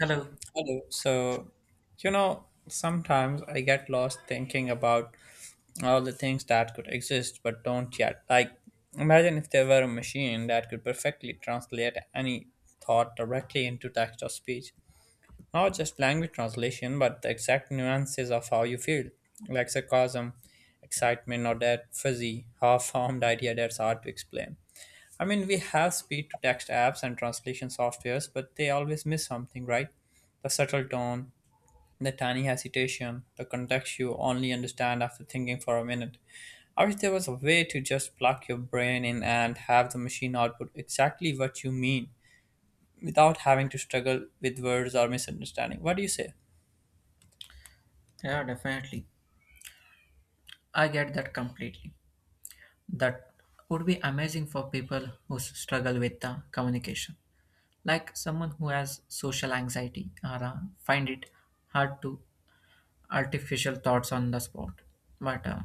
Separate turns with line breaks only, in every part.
Hello.
Hello. Sometimes I get lost thinking about all the things that could exist but don't yet. Imagine if there were a machine that could perfectly translate any thought directly into text or speech. Not just language translation, but the exact nuances of how you feel, like sarcasm, excitement, or that fuzzy, half formed idea that's hard to explain. We have speed to text apps and translation softwares, but they always miss something, right? The subtle tone, the tiny hesitation, the context you only understand after thinking for a minute. I wish there was a way to just plug your brain in and have the machine output exactly what you mean without having to struggle with words or misunderstanding. What do you say?
Yeah, definitely. I get that completely. That would be amazing for people who struggle with communication, like someone who has social anxiety or find it hard to artificial thoughts on the spot. But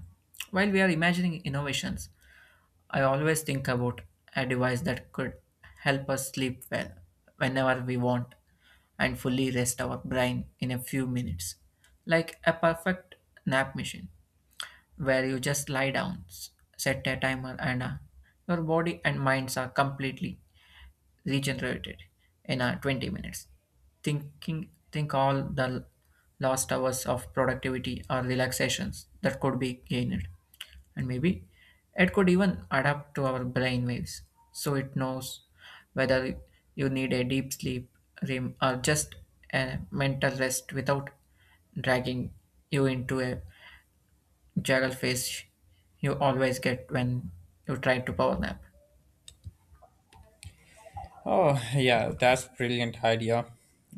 While we are imagining innovations, I always think about a device that could help us sleep well whenever we want and fully rest our brain in a few minutes, like a perfect nap machine where you just lie down, set a timer, and your body and minds are completely regenerated in 20 minutes. Think all the lost hours of productivity or relaxations that could be gained, and maybe it could even adapt to our brain waves, so it knows whether you need a deep sleep REM or just a mental rest without dragging you into a Jagglefish you always get when you try to power nap.
Oh, yeah, that's brilliant idea.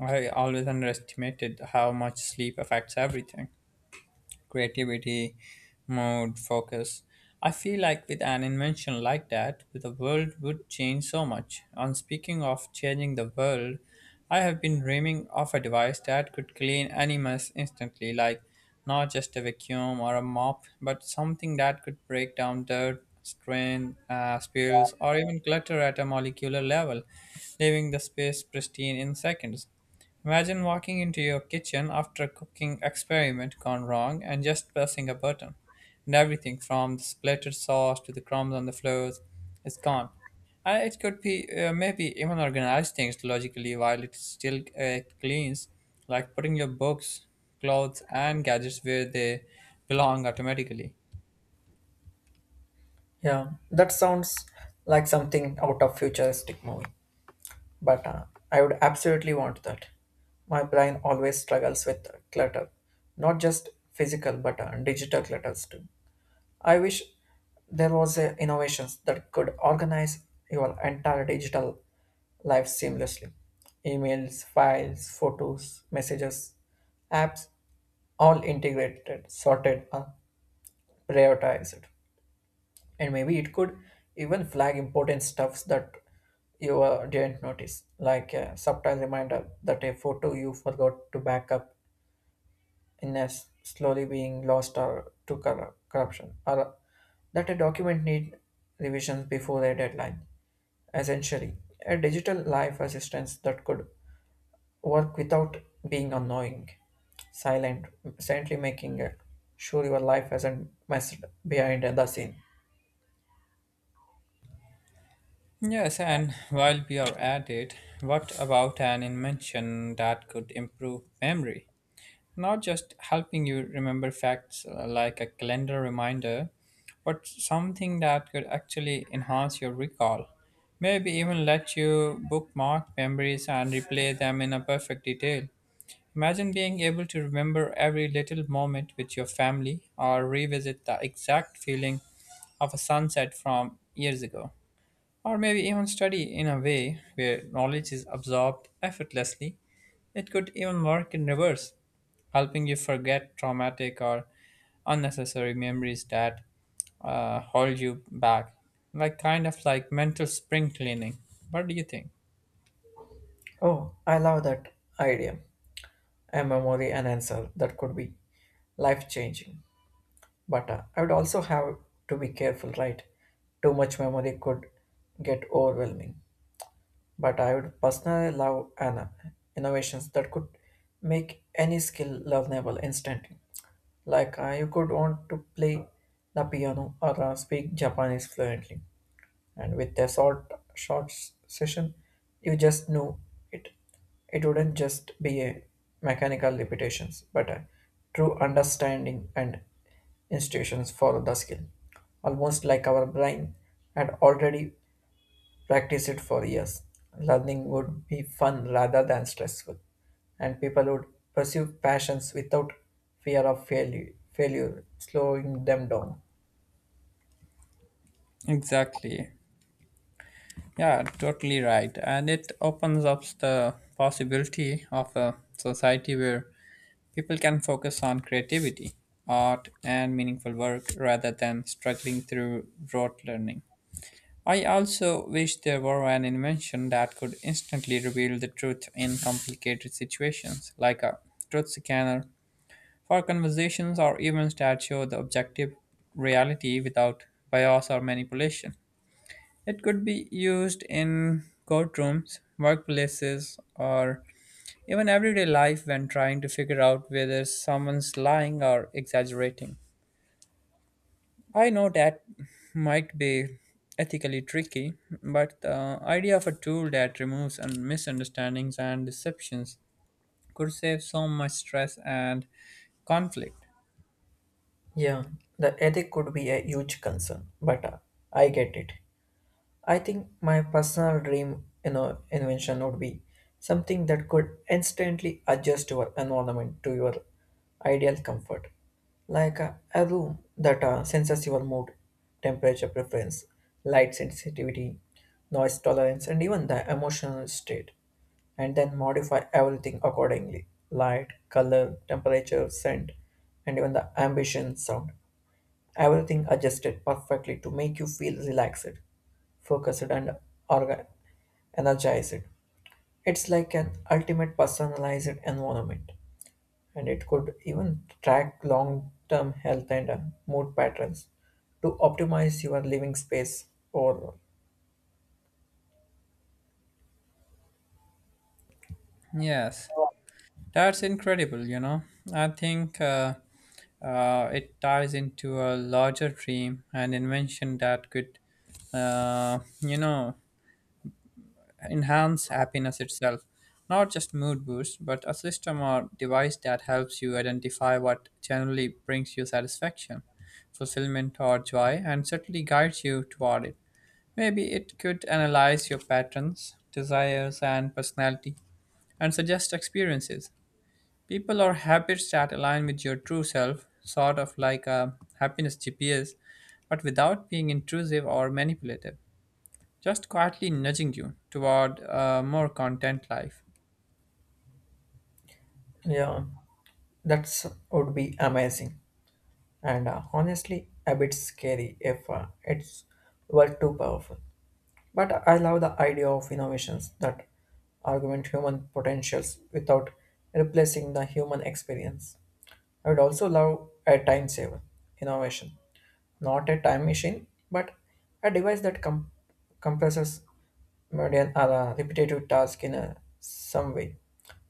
I always underestimated how much sleep affects everything. Creativity, mood, focus. I feel like with an invention like that, the world would change so much. And speaking of changing the world, I have been dreaming of a device that could clean any mess instantly, like not just a vacuum or a mop, but something that could break down dirt, strain, spills, or even clutter at a molecular level, leaving the space pristine in seconds. Imagine walking into your kitchen after a cooking experiment gone wrong and just pressing a button, and everything from the splattered sauce to the crumbs on the floors is gone. And it could be maybe even organize things logically while it still cleans, like putting your books, clothes, and gadgets where they belong automatically.
Yeah, that sounds like something out of futuristic movie, but I would absolutely want that. My brain always struggles with clutter, not just physical but digital clutters too. I wish there was a innovations that could organize your entire digital life seamlessly. Emails, files, photos, messages, apps, all integrated, sorted, and prioritized. And maybe it could even flag important stuffs that you didn't notice, like a subtle reminder that a photo you forgot to backup in us slowly being lost or to corruption, or that a document need revisions before a deadline. Essentially, a digital life assistance that could work without being annoying, silent, silently making it sure your life hasn't messed behind the scene.
Yes, and while we are at it, what about an invention that could improve memory? Not just helping you remember facts like a calendar reminder, but something that could actually enhance your recall. Maybe even let you bookmark memories and replay them in a perfect detail. Imagine being able to remember every little moment with your family or revisit the exact feeling of a sunset from years ago or maybe even study in a way where knowledge is absorbed effortlessly. It could even work in reverse, helping you forget traumatic or unnecessary memories that hold you back, like kind of like mental spring cleaning. What do you think?
Oh, I love that idea. A memory enhancer that could be life changing. But I would also have to be careful, right? Too much memory could get overwhelming. But I would personally love an innovations that could make any skill learnable instantly. Like you could want to play the piano or speak Japanese fluently, and with a session you just know it it wouldn't just be a mechanical repetitions but a true understanding and institutions for the skill, almost like our brain had already practiced it for years. Learning would be fun rather than stressful, and people would pursue passions without fear of failure failure slowing them down.
Exactly. Yeah, totally right. And it opens up the possibility of a society where people can focus on creativity, art, and meaningful work rather than struggling through rote learning. I also wish there were an invention that could instantly reveal the truth in complicated situations, like a truth scanner for conversations or events that show the objective reality without bias or manipulation. It could be used in courtrooms, workplaces, or even everyday life, when trying to figure out whether someone's lying or exaggerating. I know that might be ethically tricky, but the idea of a tool that removes misunderstandings and deceptions could save so much stress and conflict.
Yeah, the ethic could be a huge concern, but I get it. I think my personal dream, you know, invention would be something that could instantly adjust your environment to your ideal comfort, like a room that senses your mood, temperature preference, light sensitivity, noise tolerance, and even the emotional state, and then modify everything accordingly: light, color, temperature, scent, and even the ambition sound. Everything adjusted perfectly to make you feel relaxed, focused, and orga- energized. It's like an ultimate personalized environment, and it could even track long term health and mood patterns to optimize your living space overall.
Yes, that's incredible. I think it ties into a larger dream an invention that could, uh, you know, enhance happiness itself, not just mood boost, but a system or device that helps you identify what generally brings you satisfaction, fulfillment, or joy, and certainly guides you toward it. Maybe it could analyze your patterns, desires, and personality, and suggest experiences, people, or habits that align with your true self, sort of like a happiness GPS, but without being intrusive or manipulative just quietly nudging you toward a more content life.
Yeah, that's would be amazing, and honestly, a bit scary if it's were too powerful. But I love the idea of innovations that augment human potentials without replacing the human experience. I would also love a time saver innovation, not a time machine, but a device that compresses mundane or repetitive tasks in a, some way.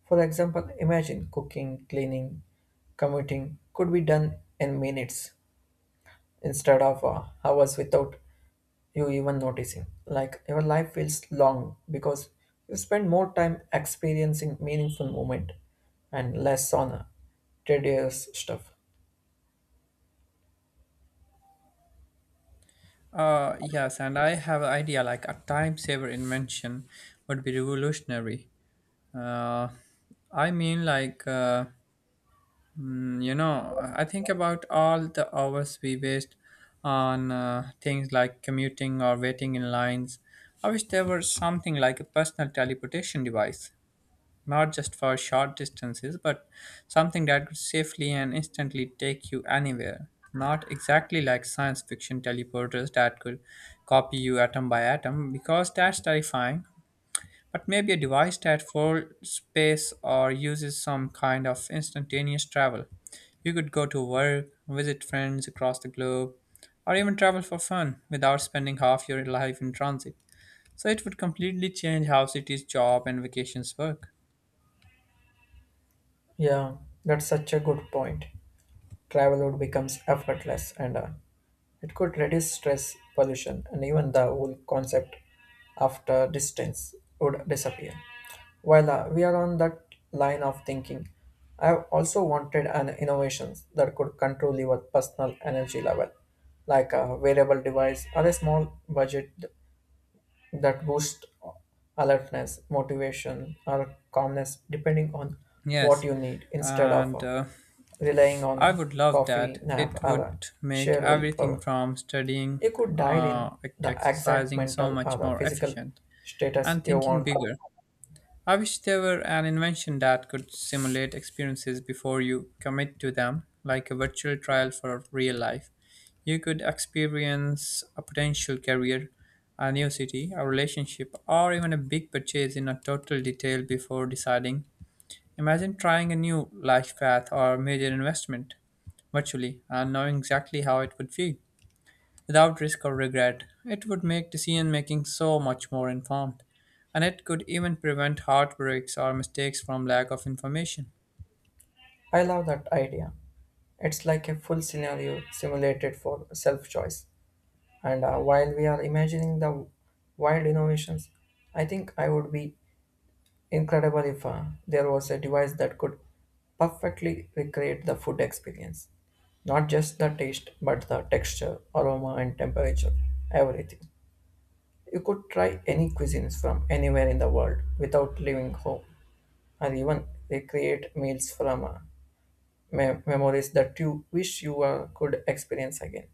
For example, imagine cooking, cleaning, commuting could be done in minutes instead of hours without you even noticing. Like your life feels long because you spend more time experiencing meaningful moment and less on a tedious stuff.
Yes, and I have an idea like a time saver invention would be revolutionary. Uh, I mean, like, uh, I think about all the hours we waste on things like commuting or waiting in lines. I wish there was something like a personal teleportation device not just for short distances, but something that could safely and instantly take you anywhere. Not exactly like science fiction teleporters that could copy you atom by atom, because that's terrifying, but maybe a device that folds space or uses some kind of instantaneous travel. You could go to work, visit friends across the globe, or even travel for fun without spending half your life in transit. So it would completely change how cities, job, and vacations work.
Yeah, that's such a good point. Travel would becomes effortless, and it could reduce stress, pollution, and even the whole concept after distance would disappear. While we are on that line of thinking, I have also wanted an innovations that could control your personal energy level, like a wearable device or a small budget that boost alertness, motivation, or calmness depending on what
Yes,
you need instead of
and uh,
relying
I
on
would love
coffee,
that.
nap,
It
or
would make
sheer
everything
willpower.
from studying
You could dial in
uh, to
the exact
exercising so
mental or
much
the
more
physical
efficient
status
and
you
thinking
want.
bigger. I wish there were an invention that could simulate experiences before you commit to them, like a virtual trial for real life. You could experience a potential career, a new city, a relationship, or even a big purchase in a total detail before deciding. Imagine trying a new life path or major investment virtually and knowing exactly how it would feel without risk or regret. It would make decision making so much more informed, and it could even prevent heartbreaks or mistakes from lack of information.
I love that idea. It's like a full scenario simulated for self choice. And while we are imagining the wild innovations, I think I would be incredible if there was a device that could perfectly recreate the food experience. Not just the taste, but the texture, aroma, and temperature, everything. You could try any cuisines from anywhere in the world without leaving home, or even recreate meals from memories that you wish you could experience again.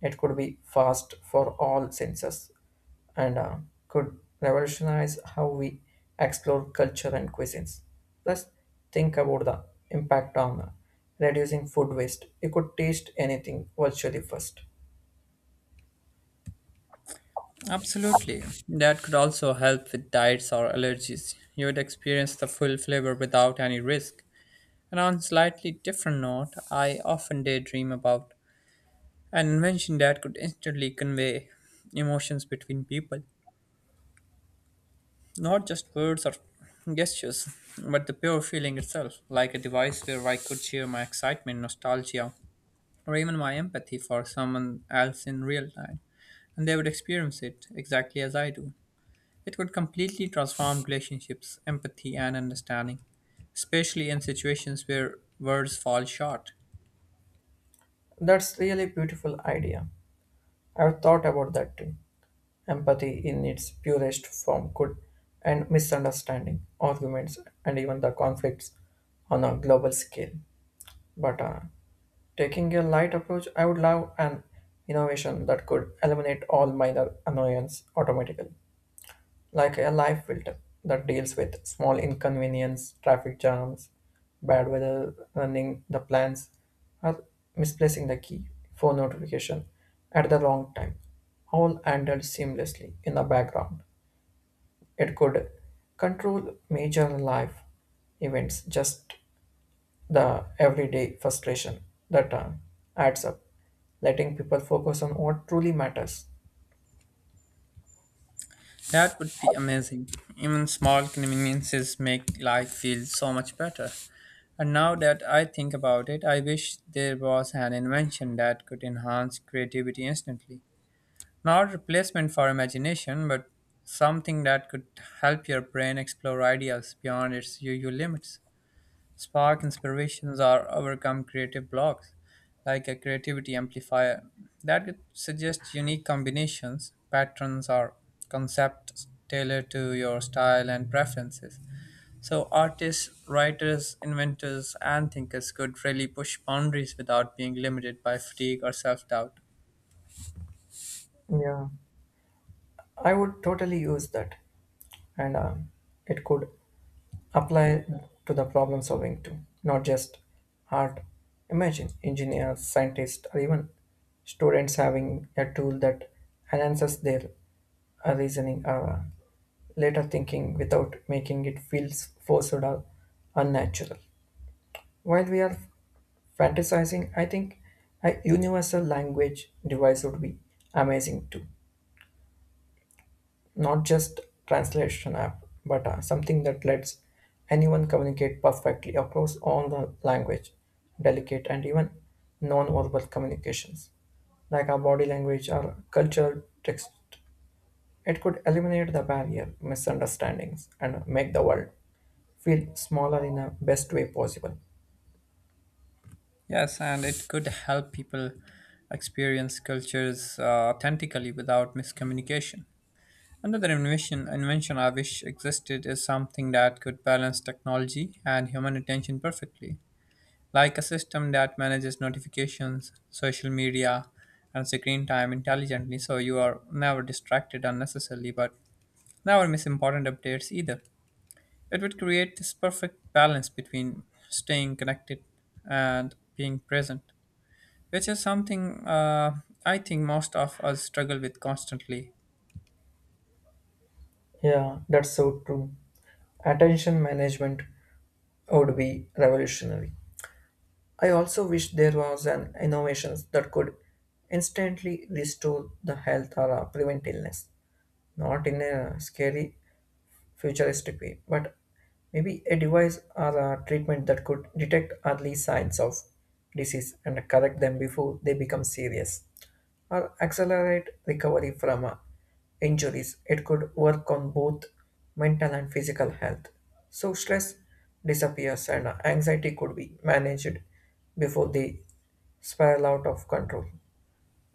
It could be fast for all senses and could revolutionize how we explore culture and cuisines. Plus, think about the impact on reducing food waste. You could taste anything virtually first.
Absolutely. That could also help with diets or allergies. You would experience the full flavor without any risk. And on a slightly different note, I often daydream about an invention that could instantly convey emotions between people. Not just words or gestures, but the pure feeling itself, like a device where I could share my excitement, nostalgia, or even my empathy for someone else in real time, and they would experience it exactly as I do. It would completely transform relationships, empathy, and understanding, especially in situations where words fall short.
That's really beautiful idea. I've thought about that too. Empathy in its purest form could end misunderstanding, arguments, and even the conflicts on a global scale. But Taking a light approach, I would love an innovation that could eliminate all minor annoyance automatically, like a life filter that deals with small inconvenience, traffic jams, bad weather, running the plans, or misplacing the key, phone notification at the wrong time, all handled seamlessly in the background. It could control major life events just the everyday frustration that adds up, letting people focus on what truly matters.
That would be amazing. Even small conveniences make life feel so much better. And now that I think about it, I wish there was an invention that could enhance creativity instantly. Not replacement for imagination, but something that could help your brain explore ideas beyond its usual limits. Spark inspirations or overcome creative blocks, like a creativity amplifier that could suggest unique combinations, patterns, or concepts tailored to your style and preferences. So, artists, writers, inventors, and thinkers could really push boundaries without being limited by fatigue or self doubt.
Yeah, I would totally use that, and it could apply to the problem solving too, not just art. Imagine engineers, scientists, or even students having a tool that enhances their reasoning or later thinking without making it feel forced or unnatural. While we are fantasizing, I think a universal language device would be amazing too. Not just translation app, but something that lets anyone communicate perfectly across all the language, delicate and even non-verbal communications, like our body language or cultural text. It could eliminate the barrier, misunderstandings, and make the world feel smaller in the best way possible.
Yes, and it could help people experience cultures authentically without miscommunication. Another invention I wish existed is something that could balance technology and human attention perfectly, like a system that manages notifications, social media, and screen time intelligently so you are never distracted unnecessarily but never miss important updates either. It would create this perfect balance between staying connected and being present, which is something I think most of us struggle with constantly.
Yeah, that's so true. Attention management would be revolutionary. I also wish there was an innovation that could instantly restore the health or prevent illness, not in a scary futuristic way, but maybe a device or a treatment that could detect early signs of disease and correct them before they become serious, or accelerate recovery from injuries. It could work on both mental and physical health. So stress disappears and anxiety could be managed before they spiral out of control.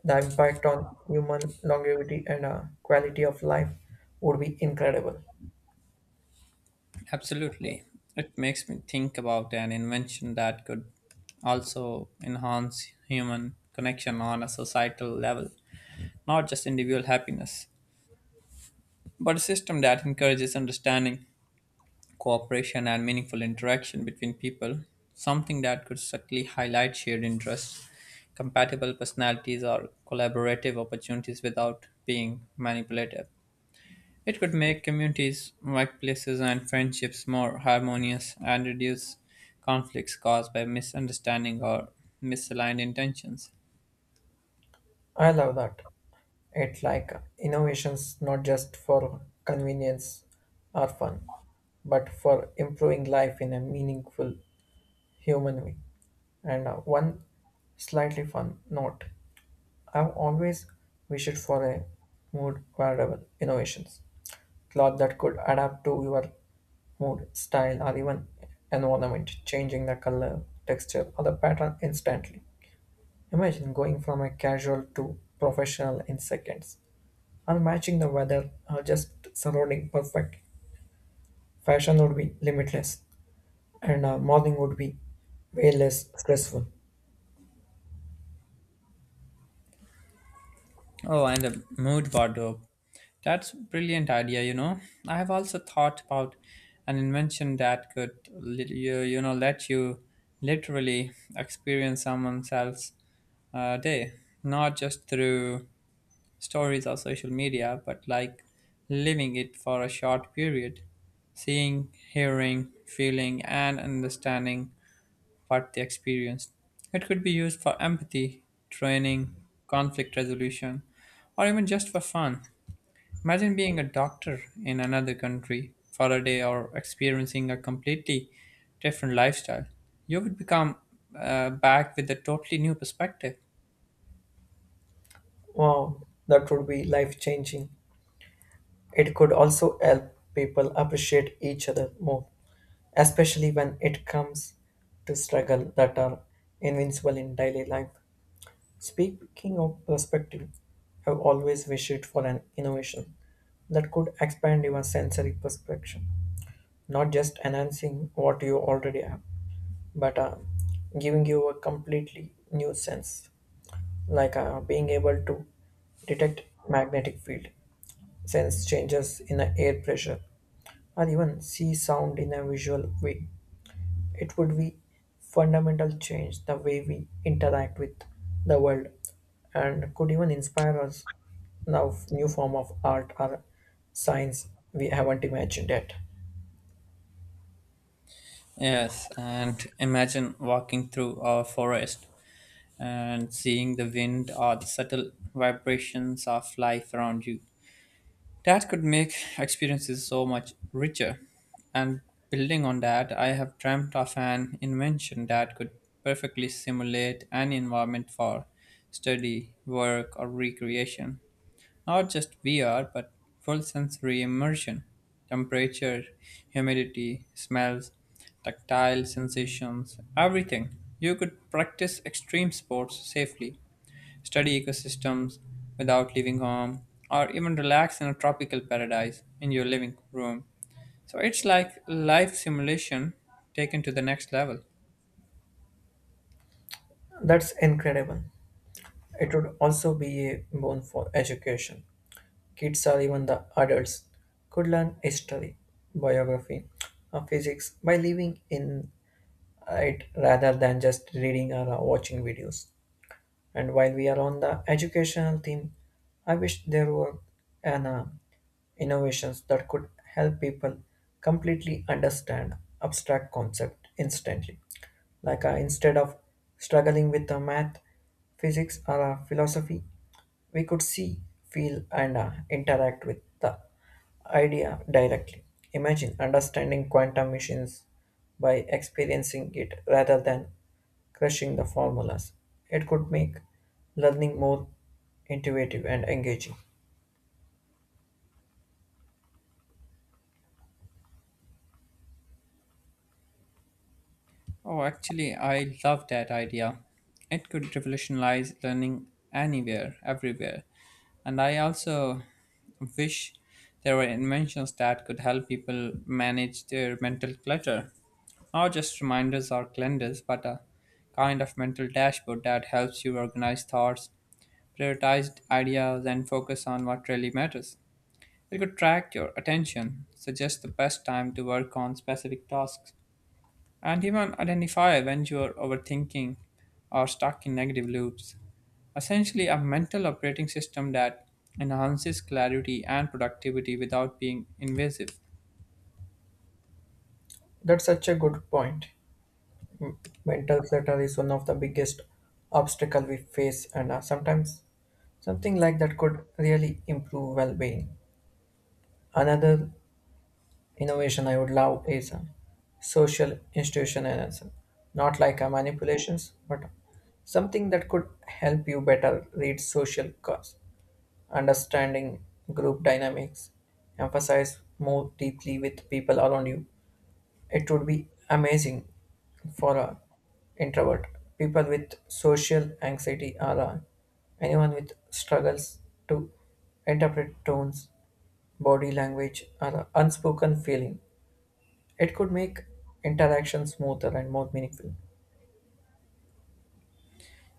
The impact on human longevity and quality of life would be incredible.
Absolutely. It makes me think about an invention that could also enhance human connection on a societal level, not just individual happiness, but a system that encourages understanding, cooperation, and meaningful interaction between people, something that could subtly highlight shared interests, compatible personalities, or collaborative opportunities without being manipulative. It could make communities, workplaces, and friendships more harmonious and reduce conflicts caused by misunderstanding or misaligned intentions.
I love that. It's like innovations not just for convenience or fun, but for improving life in a meaningful human way. And one slightly fun note, I've always wished for a mood variable innovations, cloth that could adapt to your mood, style, or even environment, changing the color, texture, or the pattern instantly. Imagine going from a casual to professional in seconds, and matching the weather just surrounding perfect. Fashion would be limitless, and mourning would be way less stressful.
Oh, and a mood wardrobe. That's a brilliant idea, you know. I have also thought about an invention that could, let you literally experience someone else's day, not just through stories or social media, but like living it for a short period, seeing, hearing, feeling, and understanding what they experienced. It could be used for empathy, training, conflict resolution, or even just for fun. Imagine being a doctor in another country for a day or experiencing a completely different lifestyle. You would become back with a totally new perspective.
Wow, that would be life changing. It could also help people appreciate each other more, especially when it comes to struggle that are invincible in daily life. Speaking of perspective, I've always wished for an innovation that could expand your sensory perception, not just enhancing what you already have, but giving you a completely new sense, like being able to detect magnetic field, sense changes in the air pressure, or even see sound in a visual way. It would be fundamental change the way we interact with the world, and could even inspire us now new form of art or science we haven't imagined yet.
Yes, and imagine walking through a forest and seeing the wind or the subtle vibrations of life around you. That could make experiences so much richer. And building on that, I have dreamt of an invention that could perfectly simulate any environment for study, work, or recreation. Not just VR, but full sensory immersion. Temperature, humidity, smells, tactile sensations, everything. You could practice extreme sports safely, study ecosystems without leaving home, or even relax in a tropical paradise in your living room. So it's like life simulation taken to the next level.
That's incredible. It would also be a boon for education. Kids or even the adults could learn history, biography, or physics by living in it rather than just reading or watching videos. And while we are on the educational theme, I wish there were an innovations that could help people completely understand abstract concept instantly. Like instead of struggling with the math, physics, or philosophy, we could see, feel, and interact with the idea directly. Imagine understanding quantum machines by experiencing it rather than crushing the formulas. It could make learning more intuitive and engaging.
Oh, actually, I love that idea. It could revolutionize learning anywhere, everywhere. And I also wish there were inventions that could help people manage their mental clutter. Not just reminders or calendars, but a kind of mental dashboard that helps you organize thoughts, prioritize ideas, and focus on what really matters. It could track your attention, suggest the best time to work on specific tasks and even identify when you're overthinking or stuck in negative loops. Essentially, a mental operating system that enhances clarity and productivity without being invasive.
That's such a good point. M- Mental clutter is one of the biggest obstacle we face, and sometimes something like that could really improve well-being. Another innovation I would love is a social institutionalism, not like a manipulations, but something that could help you better read social cause, understanding group dynamics, emphasize more deeply with people around you. It would be amazing for a introvert, people with social anxiety, or anyone with struggles to interpret tones, body language, or unspoken feeling. It could make interaction smoother and more meaningful.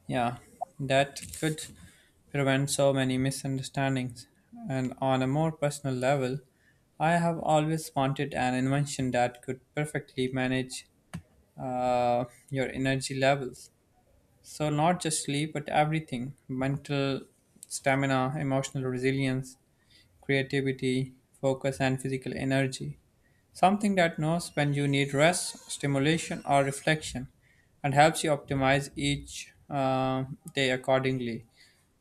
Yeah, that could prevent so many misunderstandings. And on a more personal level, I have always wanted an invention that could perfectly manage uh, your energy levels. So, not just sleep, but everything mental stamina, emotional resilience, creativity, focus, and physical energy. Something that knows when you need rest, stimulation, or reflection and helps you optimize each day accordingly.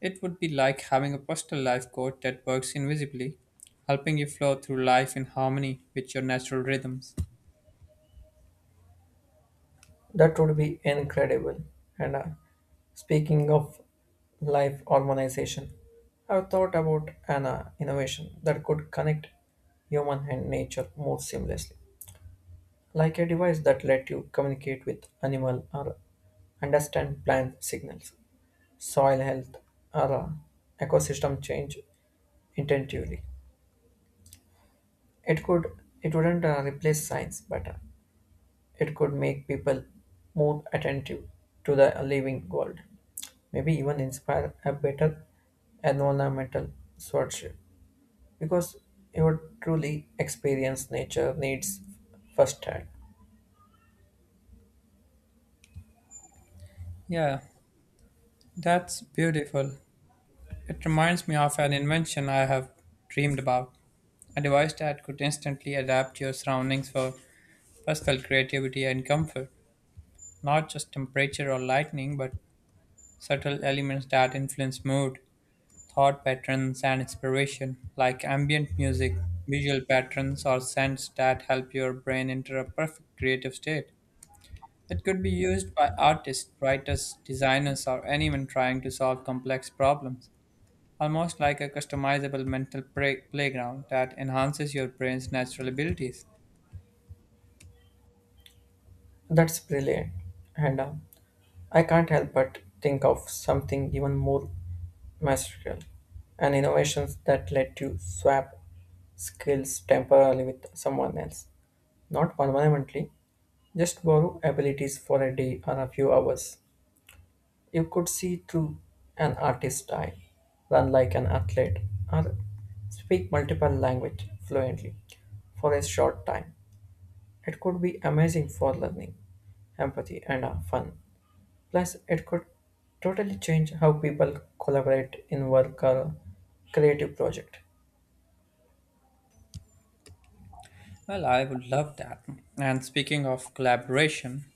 It would be like having a personal life coach that works invisibly, helping you flow through life in harmony with your natural rhythms.
That would be incredible. And speaking of life harmonization, I've thought about an innovation that could connect human and nature more seamlessly, like a device that let you communicate with animal or understand plant signals, soil health, or ecosystem change intuitively. It could it wouldn't replace science, but it could make people more attentive to the living world, maybe even inspire a better environmental stewardship because you would truly experience nature needs firsthand.
Yeah, that's beautiful. It reminds me of an invention I have dreamed about. A device that could instantly adapt your surroundings for personal creativity and comfort. Not just temperature or lighting, but subtle elements that influence mood, thought patterns, and inspiration, like ambient music, visual patterns, or scents that help your brain enter a perfect creative state. It could be used by artists, writers, designers, or anyone trying to solve complex problems. Almost like a customizable mental playground that enhances your brain's natural abilities.
That's brilliant, and I can't help but think of something even more masterful, and innovations that let you swap skills temporarily with someone else, not permanently, just borrow abilities for a day or a few hours. You could see through an artist's eye, run like an athlete, or speak multiple language fluently for a short time. It could be amazing for learning, empathy, and fun. Plus, it could totally change how people collaborate in work or creative project.
Well, I would love that. And speaking of collaboration,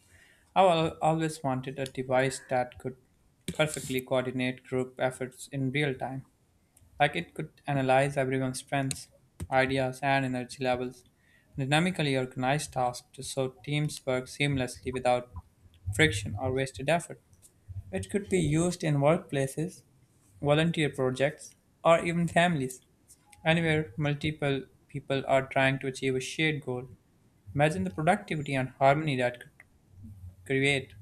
always wanted a device that could perfectly coordinate group efforts in real time. Like it could analyze everyone's strengths, ideas, and energy levels, and dynamically organize tasks to so teams work seamlessly without friction or wasted effort. It could be used in workplaces, volunteer projects, or even families, anywhere multiple people are trying to achieve a shared goal. Imagine the productivity and harmony that could create.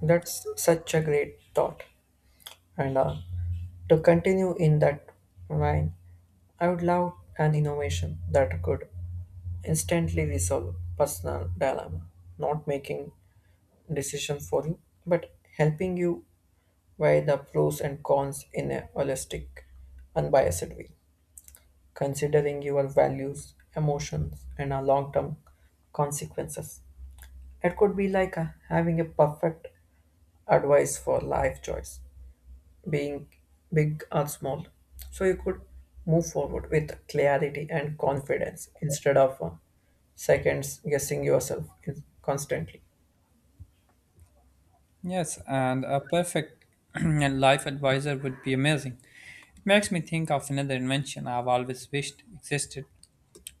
That's such a great thought. And to continue in that vein, I would love an innovation that could instantly resolve personal dilemma, not making decision for you, but helping you weigh the pros and cons in a holistic, unbiased way, considering your values, emotions, and long-term consequences. It could be like having a perfect advice for life choice being big or small. So you could move forward with clarity and confidence instead of seconds guessing yourself constantly.
Yes, and a perfect and life advisor would be amazing. It makes me think of another invention I've always wished existed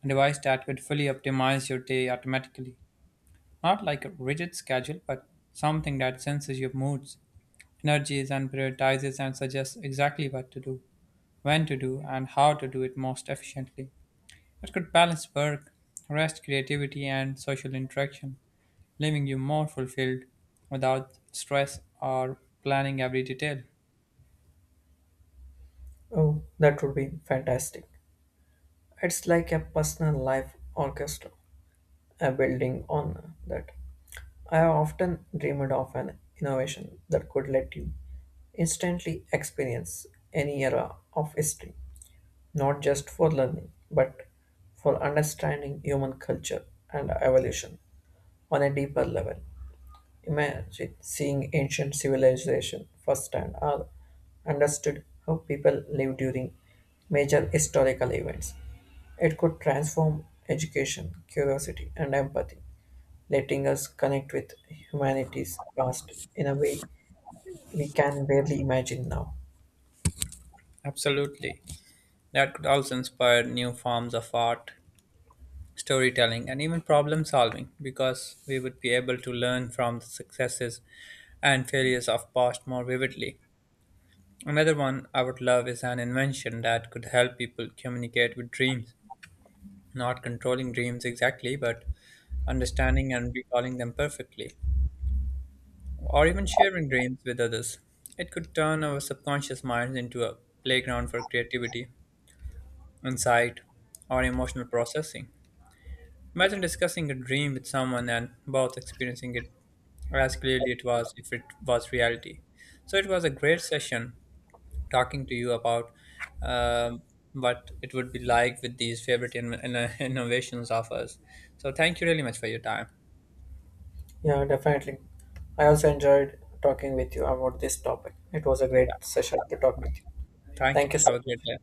a device that could fully optimize your day automatically. Not like a rigid schedule, but something that senses your moods energies and prioritizes and suggests exactly what to do, when to do, and how to do it most efficiently. It could balance work, rest, creativity, and social interaction, leaving you more fulfilled without stress or planning every detail.
Oh, that would be fantastic. It's like a personal life orchestra, a building on that. I have often dreamed of an innovation that could let you instantly experience any era of history, not just for learning, but for understanding human culture and evolution on a deeper level. Imagine seeing ancient civilization firsthand or understood how people lived during major historical events. It could transform education, curiosity, and empathy, letting us connect with humanity's past in a way we can barely imagine now.
Absolutely. That could also inspire new forms of art, storytelling, and even problem solving because we would be able to learn from the successes and failures of past more vividly. Another one I would love is an invention that could help people communicate with dreams, not controlling dreams exactly, but understanding and recalling them perfectly, or even sharing dreams with others. It could turn our subconscious minds into a playground for creativity, insight, or emotional processing. Imagine discussing a dream with someone and both experiencing it as clearly it was if it was reality. So it was a great session talking to you about um, what it would be like with these favorite innovations of us. So thank you really much for your time.
Yeah, definitely. I also enjoyed talking with you about this topic. It was a great session to talk with you.
Thank you.
Thank you so
Have a great
much.
day.